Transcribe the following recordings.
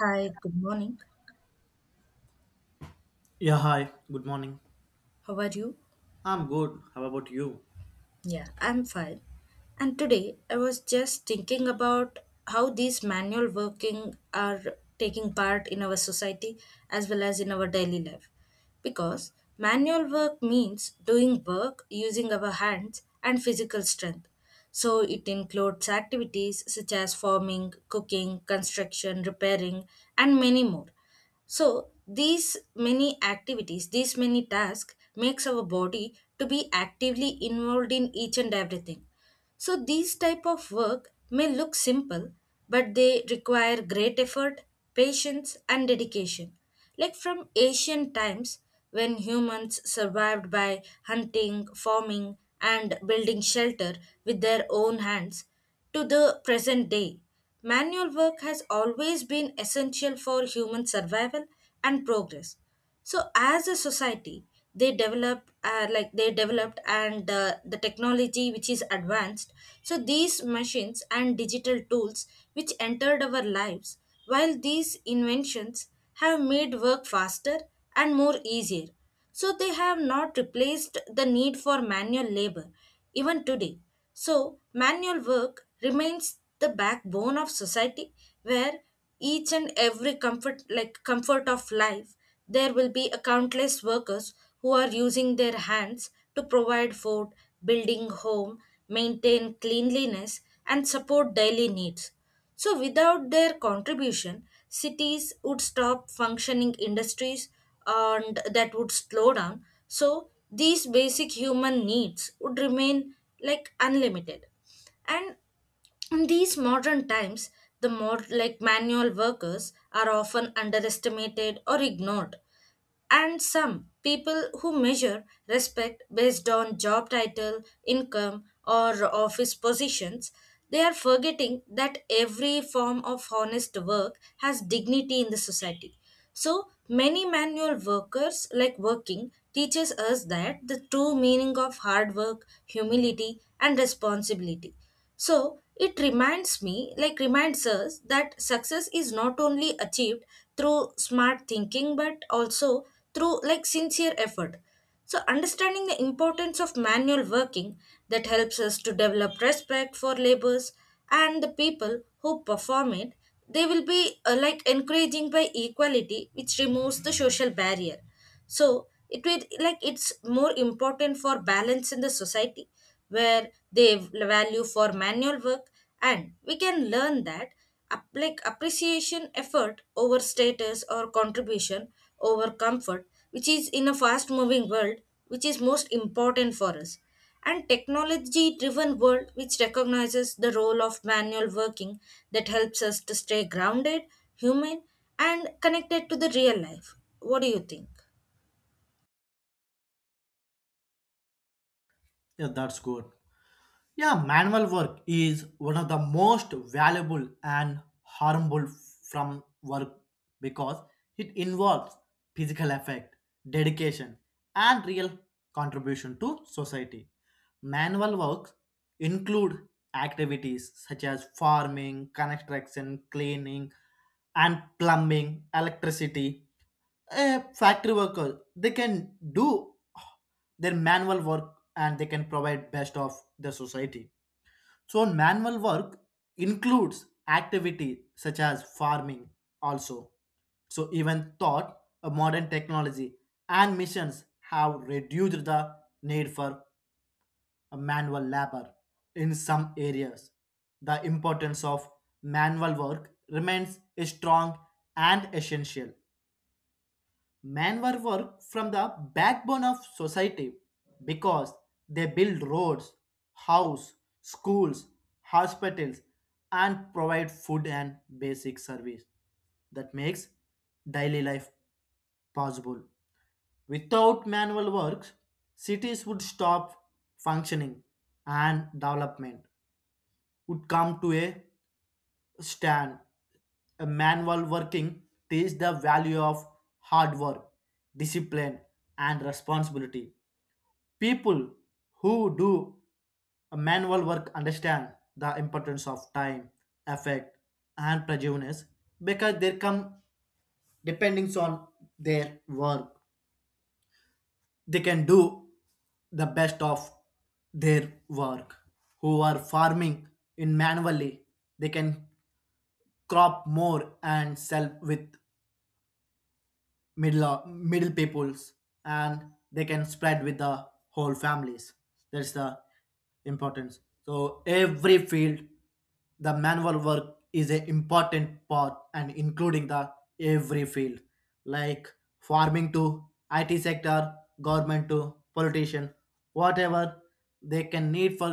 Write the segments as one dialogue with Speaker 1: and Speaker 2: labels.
Speaker 1: Hi, good morning.
Speaker 2: Yeah, hi. Good morning.
Speaker 1: How are you?
Speaker 2: I'm good. How about you?
Speaker 1: Yeah, I'm fine. And today I was just thinking about how these manual working are taking part in our society as well as in our daily life. Because manual work means doing work using our hands and physical strength. So it includes activities such as farming, cooking, construction, repairing, and many more. So these many activities, these many tasks makes our body to be actively involved in each and everything. So these type of work may look simple, but they require great effort, patience and dedication. Like from ancient times when humans survived by hunting, farming and building shelter with their own hands to the present day. Manual work has always been essential for human survival and progress, so as a society they develop like they developed and the technology which is advanced, so these machines and digital tools which entered our lives, while these inventions have made work faster and more easier, so they have not replaced the need for manual labor even today. So manual work remains the backbone of society, where each and every comfort, like comfort of life, there will be a countless workers who are using their hands to provide food, building home, maintain cleanliness and support daily needs. So without their contribution, cities would stop functioning industries and that would slow down. So these basic human needs would remain like unlimited. And in these modern times, the more like manual workers are often underestimated or ignored, and some people who measure respect based on job title, income, or office positions, they are forgetting that every form of honest work has dignity in the society. So many manual workers like working teaches us that the true meaning of hard work, humility, and responsibility. So it reminds me, like reminds us that success is not only achieved through smart thinking but also through like sincere effort. So understanding the importance of manual working, that helps us to develop respect for labors and the people who perform it, they will be like encouraging by equality which removes the social barrier, so it will like it's more important for balance in the society where they value for manual work, and we can learn that like appreciation effort over status or contribution over comfort, which is in a fast moving world, which is most important for us, and technology driven world which recognizes the role of manual working, that helps us to stay grounded, human, and connected to the real life. What do you think?
Speaker 2: Yeah, that's good. Yeah, manual work is one of the most valuable and harmful from work because it involves physical effect, dedication, and real contribution to society. Manual works include activities such as farming, construction, cleaning, and plumbing, electricity, a factory worker they can do their manual work and they can provide best of the society. So manual work includes activity such as farming also. So even thought a modern technology and missions have reduced the need for a manual labor in some areas, the importance of manual work remains strong and essential. Men were work from the backbone of society because they build roads, house, schools, hospitals, and provide food and basic service that makes daily life possible. Without manual work, cities would stop functioning and development would come to a Stan, a manual working, teaches the value of hard work, discipline, and responsibility. People who do a manual work understand the importance of time, effect, and prejudice because they come depending on their work. They can do the best of their work. Who are farming in manually, they can crop more and sell with middle peoples and they can spread with the whole families. That's the importance. So every field the manual work is an important part and including the every field like farming to it sector, government to politician, whatever they can need for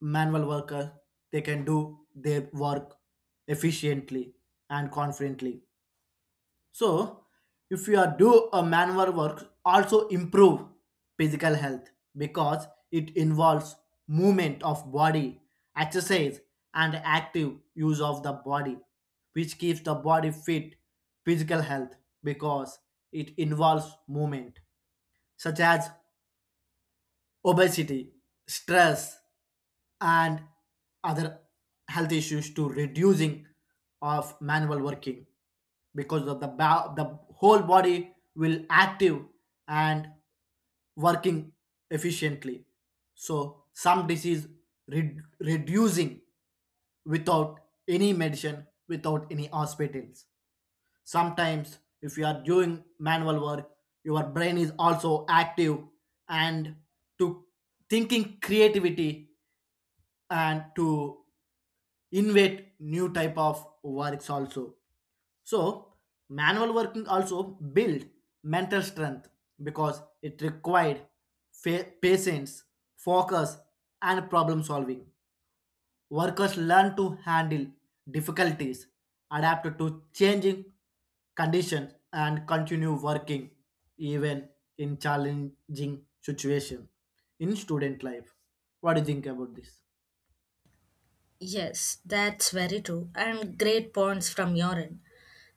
Speaker 2: manual worker they can do their work efficiently and confidently. So, if you are do a manual work, also improve physical health because it involves movement of body, exercise, and active use of the body, which keeps the body fit. Physical health because it involves movement, such as obesity, stress, and other health issues to reducing of manual working because of the whole body will active and working efficiently. So some disease reducing without any medicine, without any hospitals. Sometimes, if you are doing manual work, your brain is also active and to thinking creativity and to invent new type of works also. So manual working also build mental strength because it required patience, focus, and problem solving. Workers learn to handle difficulties, adapt to changing conditions, and continue working even in challenging situations in student life. What do you think about this?
Speaker 1: Yes, that's very true, and great points from your end.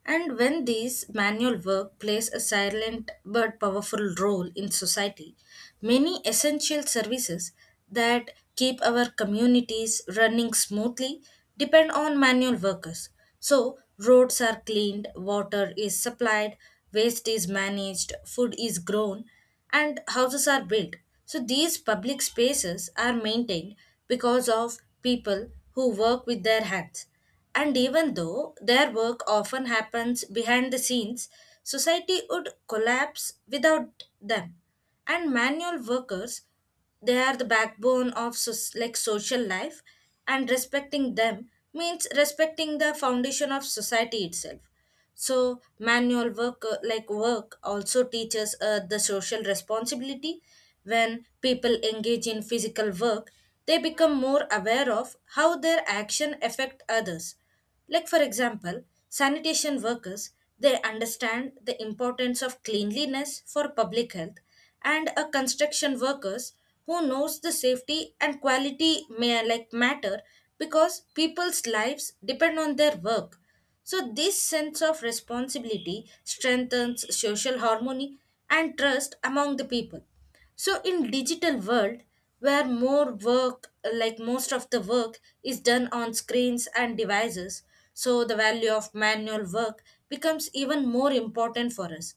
Speaker 1: And when these manual work plays a silent but powerful role in society, many essential services that keep our communities running smoothly depend on manual workers. So, roads are cleaned, water is supplied, waste is managed, food is grown, and houses are built. So these public spaces are maintained because of people who work with their hands. And even though their work often happens behind the scenes, society would collapse without them. And manual workers, they are the backbone of like social life, and respecting them means respecting the foundation of society itself. So manual work like work also teaches the social responsibility. When people engage in physical work, they become more aware of how their action affect others, like for example sanitation workers, they understand the importance of cleanliness for public health, and a construction workers who knows the safety and quality may like matter because people's lives depend on their work. So, this sense of responsibility strengthens social harmony and trust among the people. So, in digital world where more work, like most of the work, is done on screens and devices, so the value of manual work becomes even more important for us.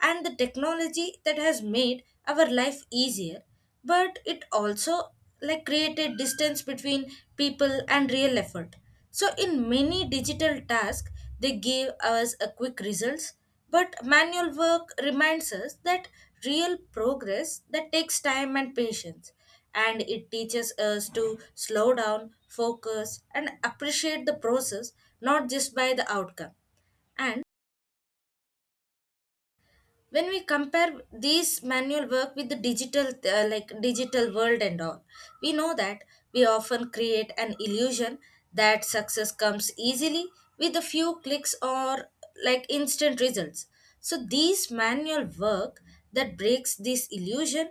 Speaker 1: And the technology that has made our life easier, but it also like created distance between people and real effort. So in many digital tasks they give us a quick results, but manual work reminds us that real progress that takes time and patience, and it teaches us to slow down, focus and appreciate the process, not just by the outcome. And when we compare these manual work with the digital like digital world and all, we know that we often create an illusion that success comes easily with a few clicks or like instant results. So these manual work that breaks this illusion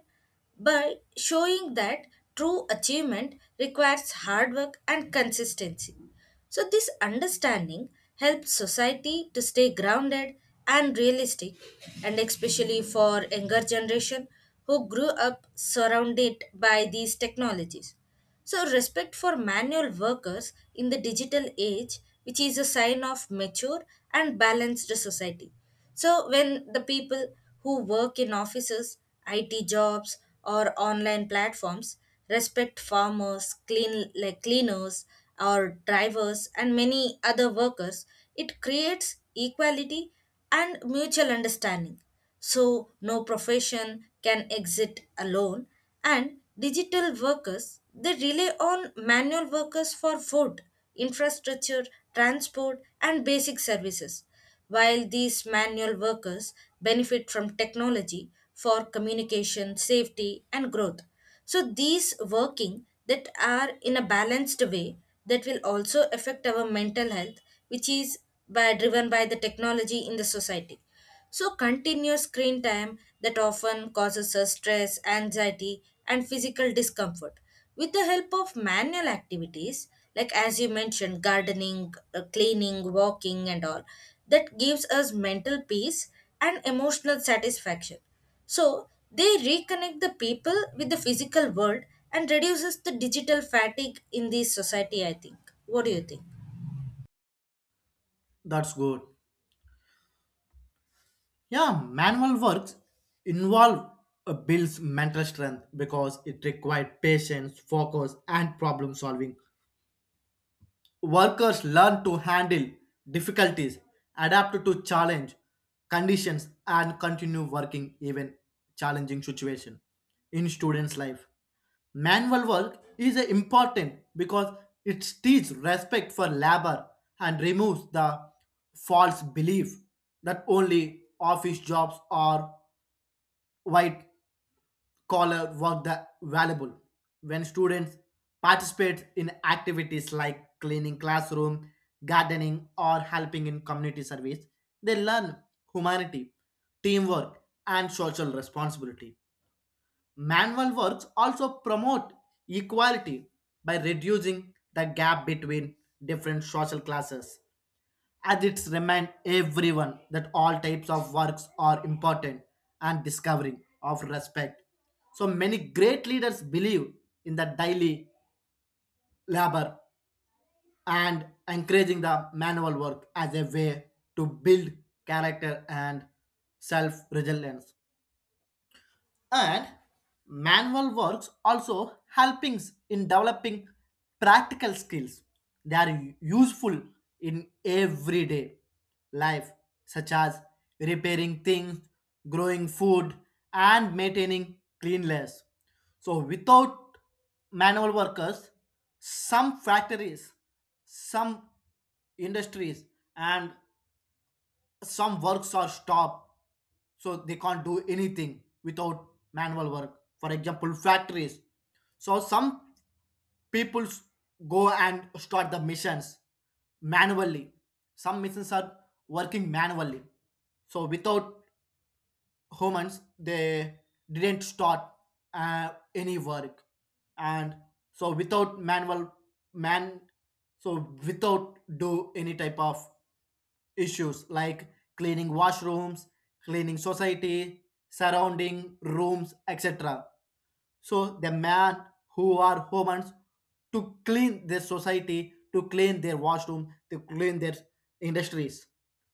Speaker 1: by showing that true achievement requires hard work and consistency. So, this understanding helps society to stay grounded and realistic, and especially for younger generation who grew up surrounded by these technologies. So, respect for manual workers in the digital age, which is a sign of mature and balanced society. So, when the people who work in offices, IT jobs, or online platforms respect farmers, clean like cleaners, or drivers, and many other workers, it creates equality and mutual understanding. So, no profession can exist alone, and digital workers they rely on manual workers for food, infrastructure, transport, and basic services, while these manual workers benefit from technology for communication, safety, and growth. So, these working that are in a balanced way, that will also affect our mental health, which is by, driven by the technology in the society. So, continuous screen time that often causes us stress, anxiety, and physical discomfort. With the help of manual activities, like as you mentioned, gardening, cleaning, walking, and all, that gives us mental peace and emotional satisfaction. So, they reconnect the people with the physical world and reduces the digital fatigue in this society, I think. What do you think?
Speaker 2: That's good. Yeah, manual works involve builds mental strength because it required patience, focus, and problem solving. Workers learn to handle difficulties, adapt to challenge conditions, and continue working even challenging situation in students' life. Manual work is important because it teaches respect for labor and removes the false belief that only office jobs are white scholar work the valuable. When students participate in activities like cleaning classroom, gardening, or helping in community service, they learn humanity, teamwork, and social responsibility. Manual works also promote equality by reducing the gap between different social classes, as it's remind everyone that all types of works are important and discovering of respect. So many great leaders believe in the daily labor and encouraging the manual work as a way to build character and self-resilience. And manual works also helping in developing practical skills, they are useful in everyday life, such as repairing things, growing food, and maintaining cleanliness. So without manual workers, some factories, some industries, and some works are stopped. So they can't do anything without manual work, for example, factories. So some people s- go and start the missions manually. Some missions are working manually. So without humans they didn't start any work. And so without manual man, so without do any type of issues like cleaning washrooms, cleaning society, surrounding rooms, etc. So the man who are humans to clean their society, to clean their washroom, to clean their industries.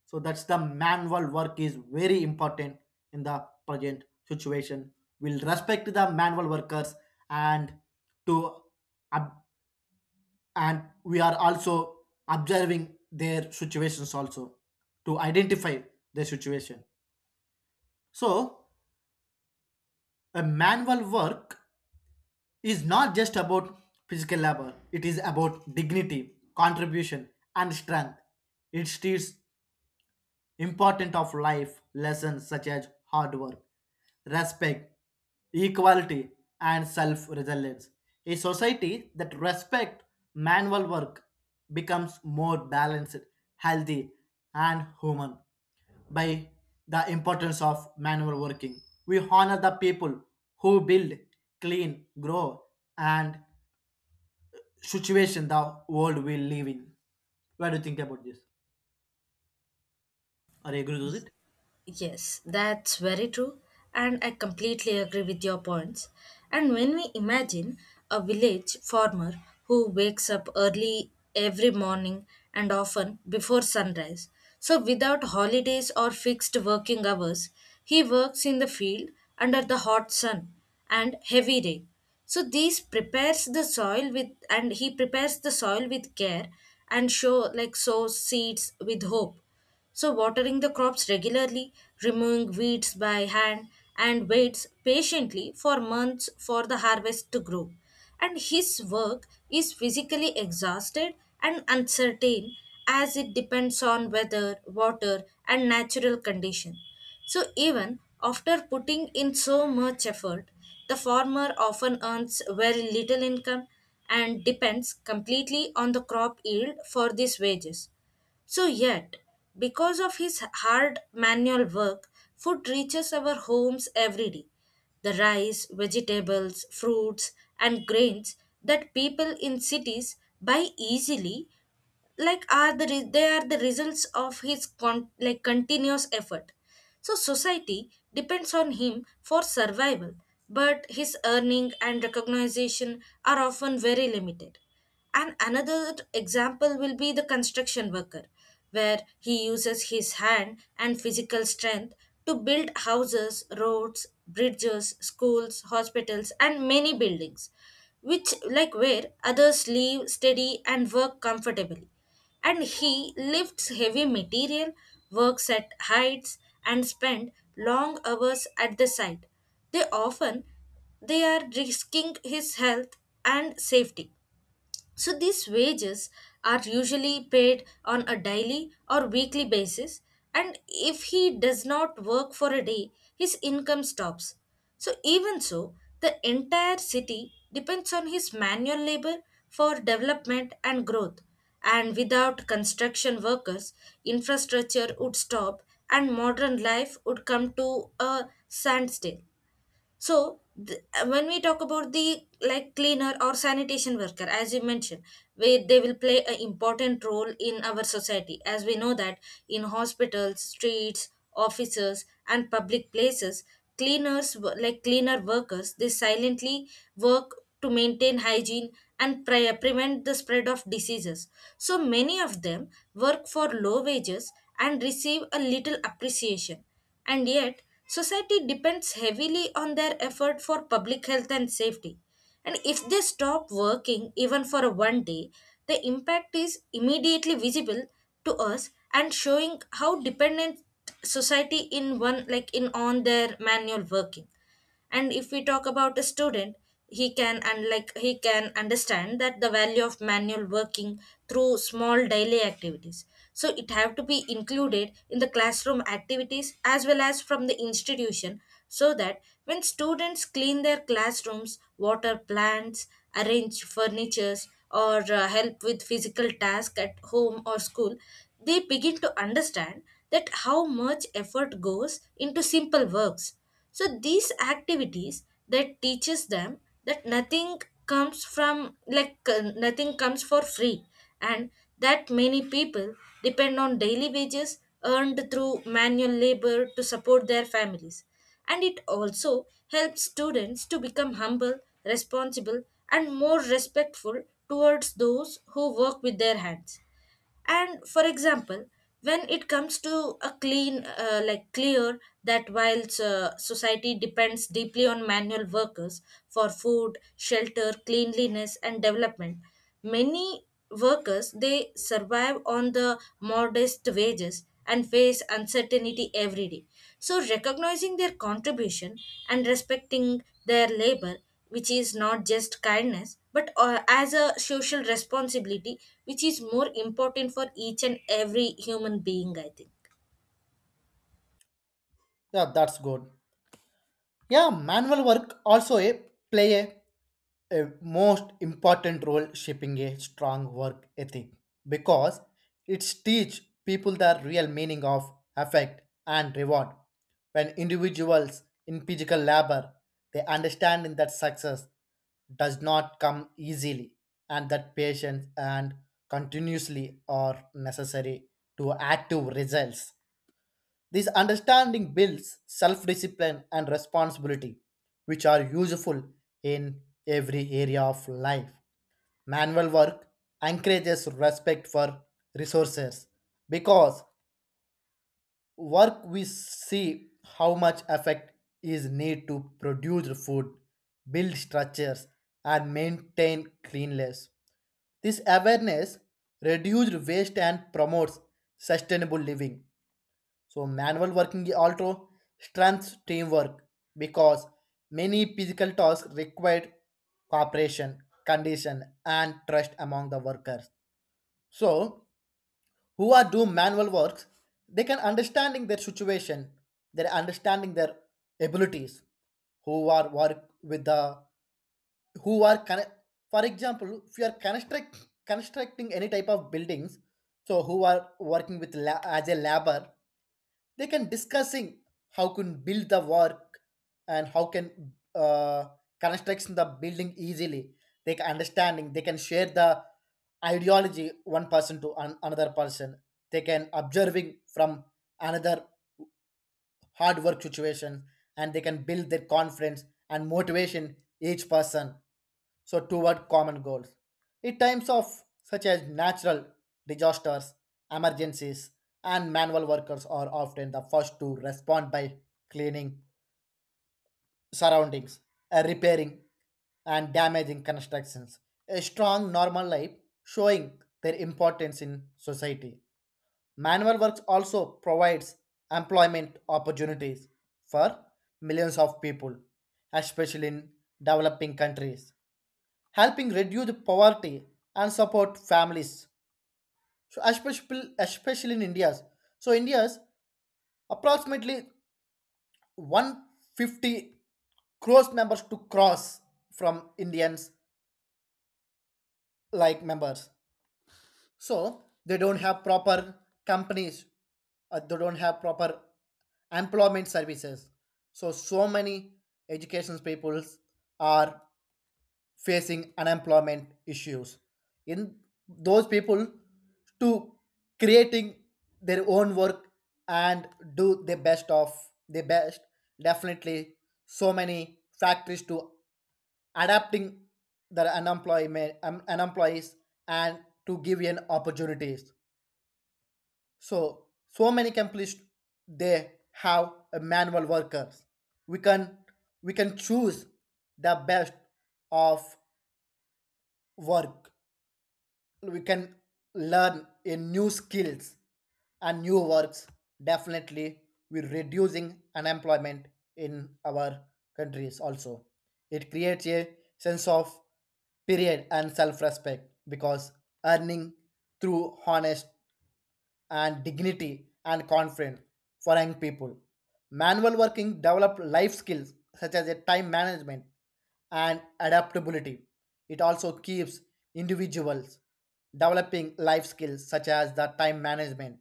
Speaker 2: So that's the manual work is very important in the present situation. We will respect the manual workers and to ab, and we are also observing their situations also to identify their situation. So a manual work is not just about physical labor, it is about dignity, contribution, and strength. It treats important of life lessons such as hard work, respect, equality, and self reliance. A society that respects manual work becomes more balanced, healthy, and human by the importance of manual working. We honor the people who build, clean, grow, and situation the world we live in. What do you think about this? Are you agree with it?
Speaker 1: Yes, that's very true, and I completely agree with your points. And when we imagine a village farmer who wakes up early every morning and often before sunrise, so without holidays or fixed working hours, he works in the field under the hot sun and heavy rain. So these prepares the soil with, and he prepares the soil with care and show like sows seeds with hope. So, watering the crops regularly, removing weeds by hand, and waits patiently for months for the harvest to grow. And his work is physically exhausted and uncertain as it depends on weather, water, and natural condition. So, even after putting in so much effort, the farmer often earns very little income and depends completely on the crop yield for these wages. So, yet, because of his hard manual work, food reaches our homes every day. The rice, vegetables, fruits, and grains that people in cities buy easily, like are they are the results of his like continuous effort. So society depends on him for survival, but his earning and recognition are often very limited. And another example will be the construction worker where he uses his hand and physical strength to build houses, roads, bridges, schools, hospitals, and many buildings, which, like where others live steady and work comfortably. And he lifts heavy material, works at heights, and spend long hours at the site. They often they are risking his health and safety. So these wages are usually paid on a daily or weekly basis, and if he does not work for a day, his income stops. So even so, the entire city depends on his manual labor for development and growth. And without construction workers, infrastructure would stop and modern life would come to a standstill. So when we talk about the like cleaner or sanitation worker as you mentioned, we, they will play an important role in our society as we know that in hospitals, streets, offices and public places, cleaners like cleaner workers, they silently work to maintain hygiene and prevent the spread of diseases. So many of them work for low wages and receive a little appreciation, and yet, society depends heavily on their effort for public health and safety. And if they stop working even for a one day, the impact is immediately visible to us and showing how dependent society in one like in on their manual working. And if we talk about a student, he can and like he can understand that the value of manual working through small daily activities, so it have to be included in the classroom activities as well as from the institution, so that when students clean their classrooms, water plants, arrange furnitures, or help with physical tasks at home or school, they begin to understand that how much effort goes into simple works. So these activities that teaches them that nothing comes for free, and that many people depend on daily wages earned through manual labor to support their families. And it also helps students to become humble, responsible, and more respectful towards those who work with their hands. And for example, when it comes to a clean like clear that while society depends deeply on manual workers for food, shelter, cleanliness, and development, many workers they survive on the modest wages and face uncertainty every day. So recognizing their contribution and respecting their labor, which is not just kindness but as a social responsibility, which is more important for each and every human being, I think.
Speaker 2: Yeah, that's good. Yeah, manual work also play a most important role shaping a strong work ethic because it teach people the real meaning of effect and reward. When individuals in physical labor, they understand that success does not come easily and that patience and continuously are necessary to active results. This understanding builds self discipline and responsibility, which are useful in every area of life. Manual work encourages respect for resources because work we see how much effect is need to produce food, build structures, and maintain cleanliness. This awareness reduces waste and promotes sustainable living. So manual working also strengthens teamwork because many physical tasks required cooperation, condition, and trust among the workers. So who are do manual works, they can understanding their situation, they're understanding their abilities, who are work with the who are for example, if you are constructing any type of buildings, so who are working with as a labor, they can discussing how can build the work and how can construction the building easily. They can understanding, they can share the ideology one person to another person. They can observing from another hard work situation and they can build their confidence and motivation each person so toward common goals. In times of such as natural disasters, emergencies, and manual workers are often the first to respond by cleaning surroundings, repairing, and damaging constructions. A strong normal life showing their importance in society. Manual works also provides employment opportunities for millions of people, especially in developing countries, helping reduce poverty and support families, so especially in India's. So India's approximately 150 crores members to cross from Indians like members. So they don't have proper companies, they don't have proper employment services. So so many education peoples are facing unemployment issues in those people to creating their own work and do the best of the best definitely. So many factories to adapting their unemployment unemployees and to give an opportunities. So so many companies, they have a manual workers, we can we can choose the best of work, we can learn a new skills and new works definitely. We're reducing unemployment in our countries also. It creates a sense of period and self-respect because earning through honest and dignity and confidence for young people. Manual working developed life skills such as a time management and adaptability. It also keeps individuals developing life skills such as the time management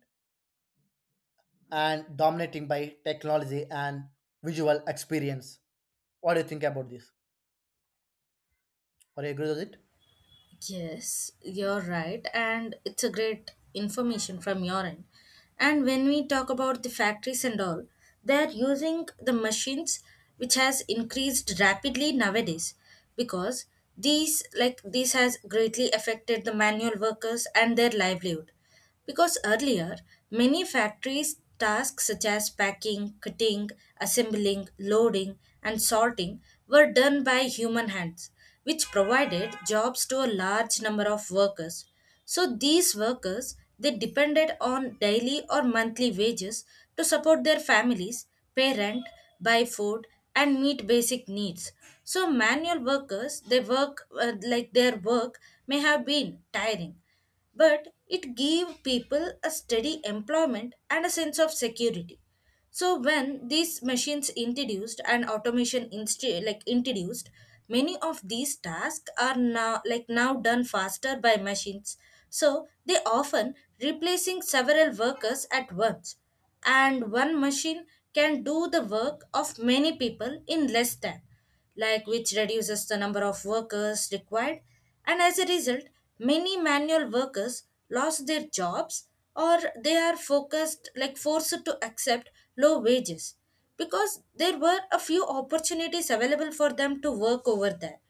Speaker 2: and dominating by technology and visual experience. What do you think about this? Are you agree with it?
Speaker 1: Yes, you're right, and it's a great information from your end. And when we talk about the factories and all, they're using the machines, which has increased rapidly nowadays, because these like this has greatly affected the manual workers and their livelihood. Because earlier, many factories' tasks such as packing, cutting, assembling, loading, and sorting were done by human hands, which provided jobs to a large number of workers. So these workers they depended on daily or monthly wages to support their families, pay rent, buy food, and meet basic needs. So manual workers they work like their work may have been tiring, but it gave people a steady employment and a sense of security. So when these machines introduced and automation introduced, many of these tasks are now done faster by machines. So they often replacing several workers at once, and one machine can do the work of many people in less time, like which reduces the number of workers required. And as a result, many manual workers lost their jobs or they are focused like forced to accept low wages because there were a few opportunities available for them to work over there.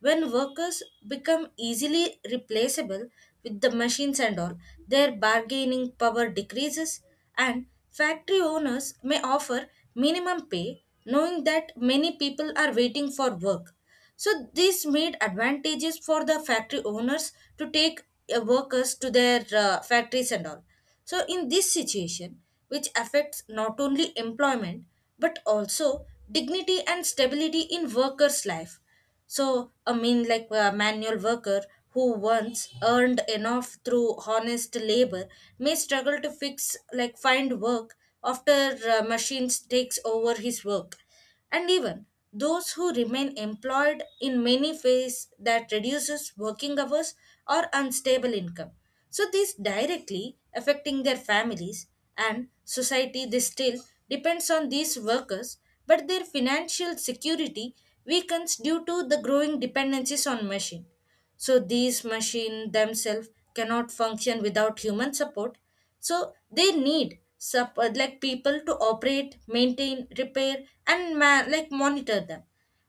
Speaker 1: When workers become easily replaceable with the machines and all, their bargaining power decreases, and factory owners may offer minimum pay, knowing that many people are waiting for work. So, this made advantages for the factory owners to take workers to their factories and all. So, in this situation, which affects not only employment but also dignity and stability in workers' life. So, I mean, like a manual worker who once earned enough through honest labor may struggle to fix, like, find work after machines takes over his work. And even those who remain employed in many ways that reduces working hours or unstable income. So, this directly affecting their families, and society they still depends on these workers, but their financial security weakens due to the growing dependencies on machine. So these machines themselves cannot function without human support, so they need people to operate, maintain, repair, and monitor them.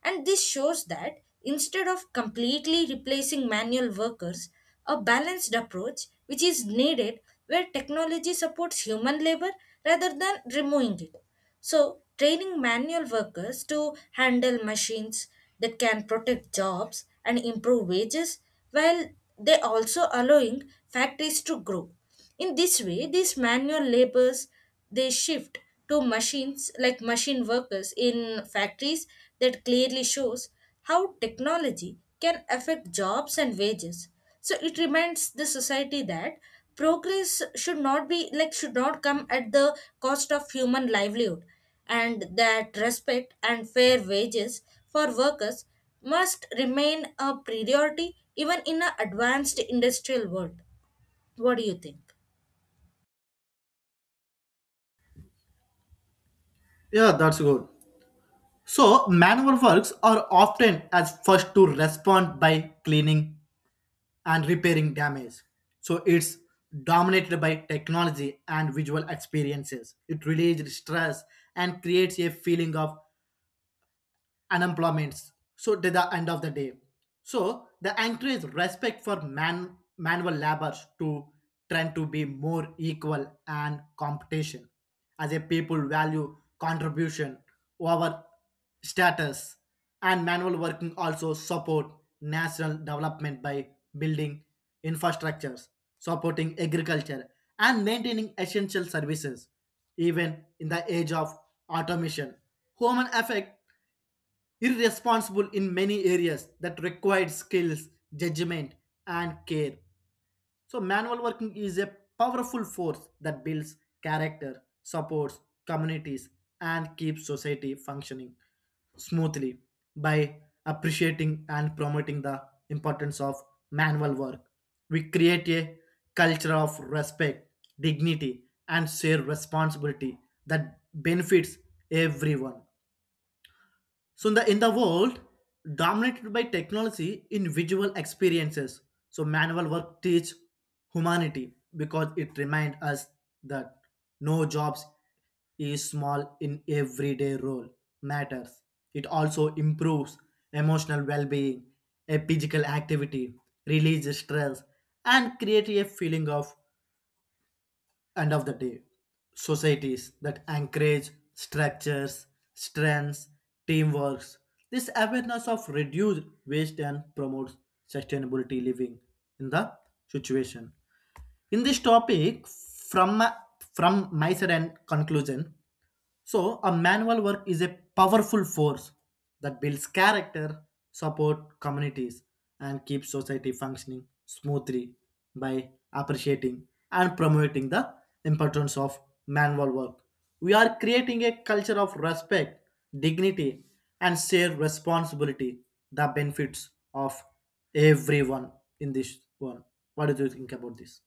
Speaker 1: And this shows that instead of completely replacing manual workers, a balanced approach which is needed, where technology supports human labor rather than removing it. So, training manual workers to handle machines that can protect jobs and improve wages while they also allowing factories to grow. In this way, these manual labors they shift to machine workers in factories, that clearly shows how technology can affect jobs and wages. So it reminds the society that progress should not come at the cost of human livelihood, and that respect and fair wages for workers must remain a priority even in an advanced industrial world. What do you think?
Speaker 2: Yeah, that's good. So manual works are often as first to respond by cleaning and repairing damage. So it's dominated by technology and visual experiences. It relieves stress and creates a feeling of unemployments, so to the end of the day. So the encourage respect for manual labors to trend to be more equal and competition as a people value contribution over status. And manual working also support national development by building infrastructures, supporting agriculture, and maintaining essential services even in the age of automation, human affect irresponsible in many areas that required skills, judgment, and care. So, manual working is a powerful force that builds character, supports communities, and keeps society functioning smoothly by appreciating and promoting the importance of manual work. We create a culture of respect, dignity, and shared responsibility that benefits everyone. So in the world dominated by technology in visual experiences, so manual work teach humanity because it remind us that no jobs is small in everyday role matters. It also improves emotional well-being, a physical activity, release stress, and create a feeling of end of the day, societies that encourage structures, strengths, teamworks. This awareness of reduced waste and promotes sustainability living in the situation. In this topic, from my side and conclusion, so, a manual work is a powerful force that builds character, support communities, and keeps society functioning smoothly by appreciating and promoting the importance of manual work. We are creating a culture of respect, dignity, and shared responsibility, the benefits of everyone in this world. What do you think about this?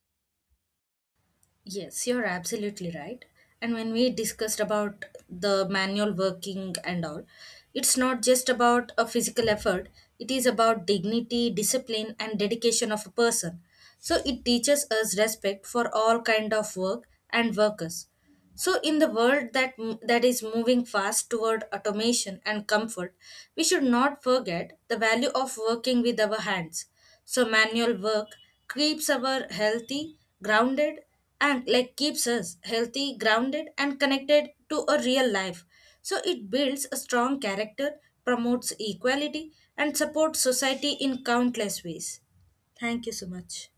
Speaker 1: Yes, you're absolutely right. And when we discussed about the manual working and all, it's not just about a physical effort, it is about dignity, discipline and dedication of a person. So it teaches us respect for all kind of work and workers. So, in the world that is moving fast toward automation and comfort, we should not forget the value of working with our hands. So, manual work keeps our healthy, grounded, keeps us healthy, grounded, and connected to a real life. So, it builds a strong character, promotes equality, and supports society in countless ways. Thank you so much.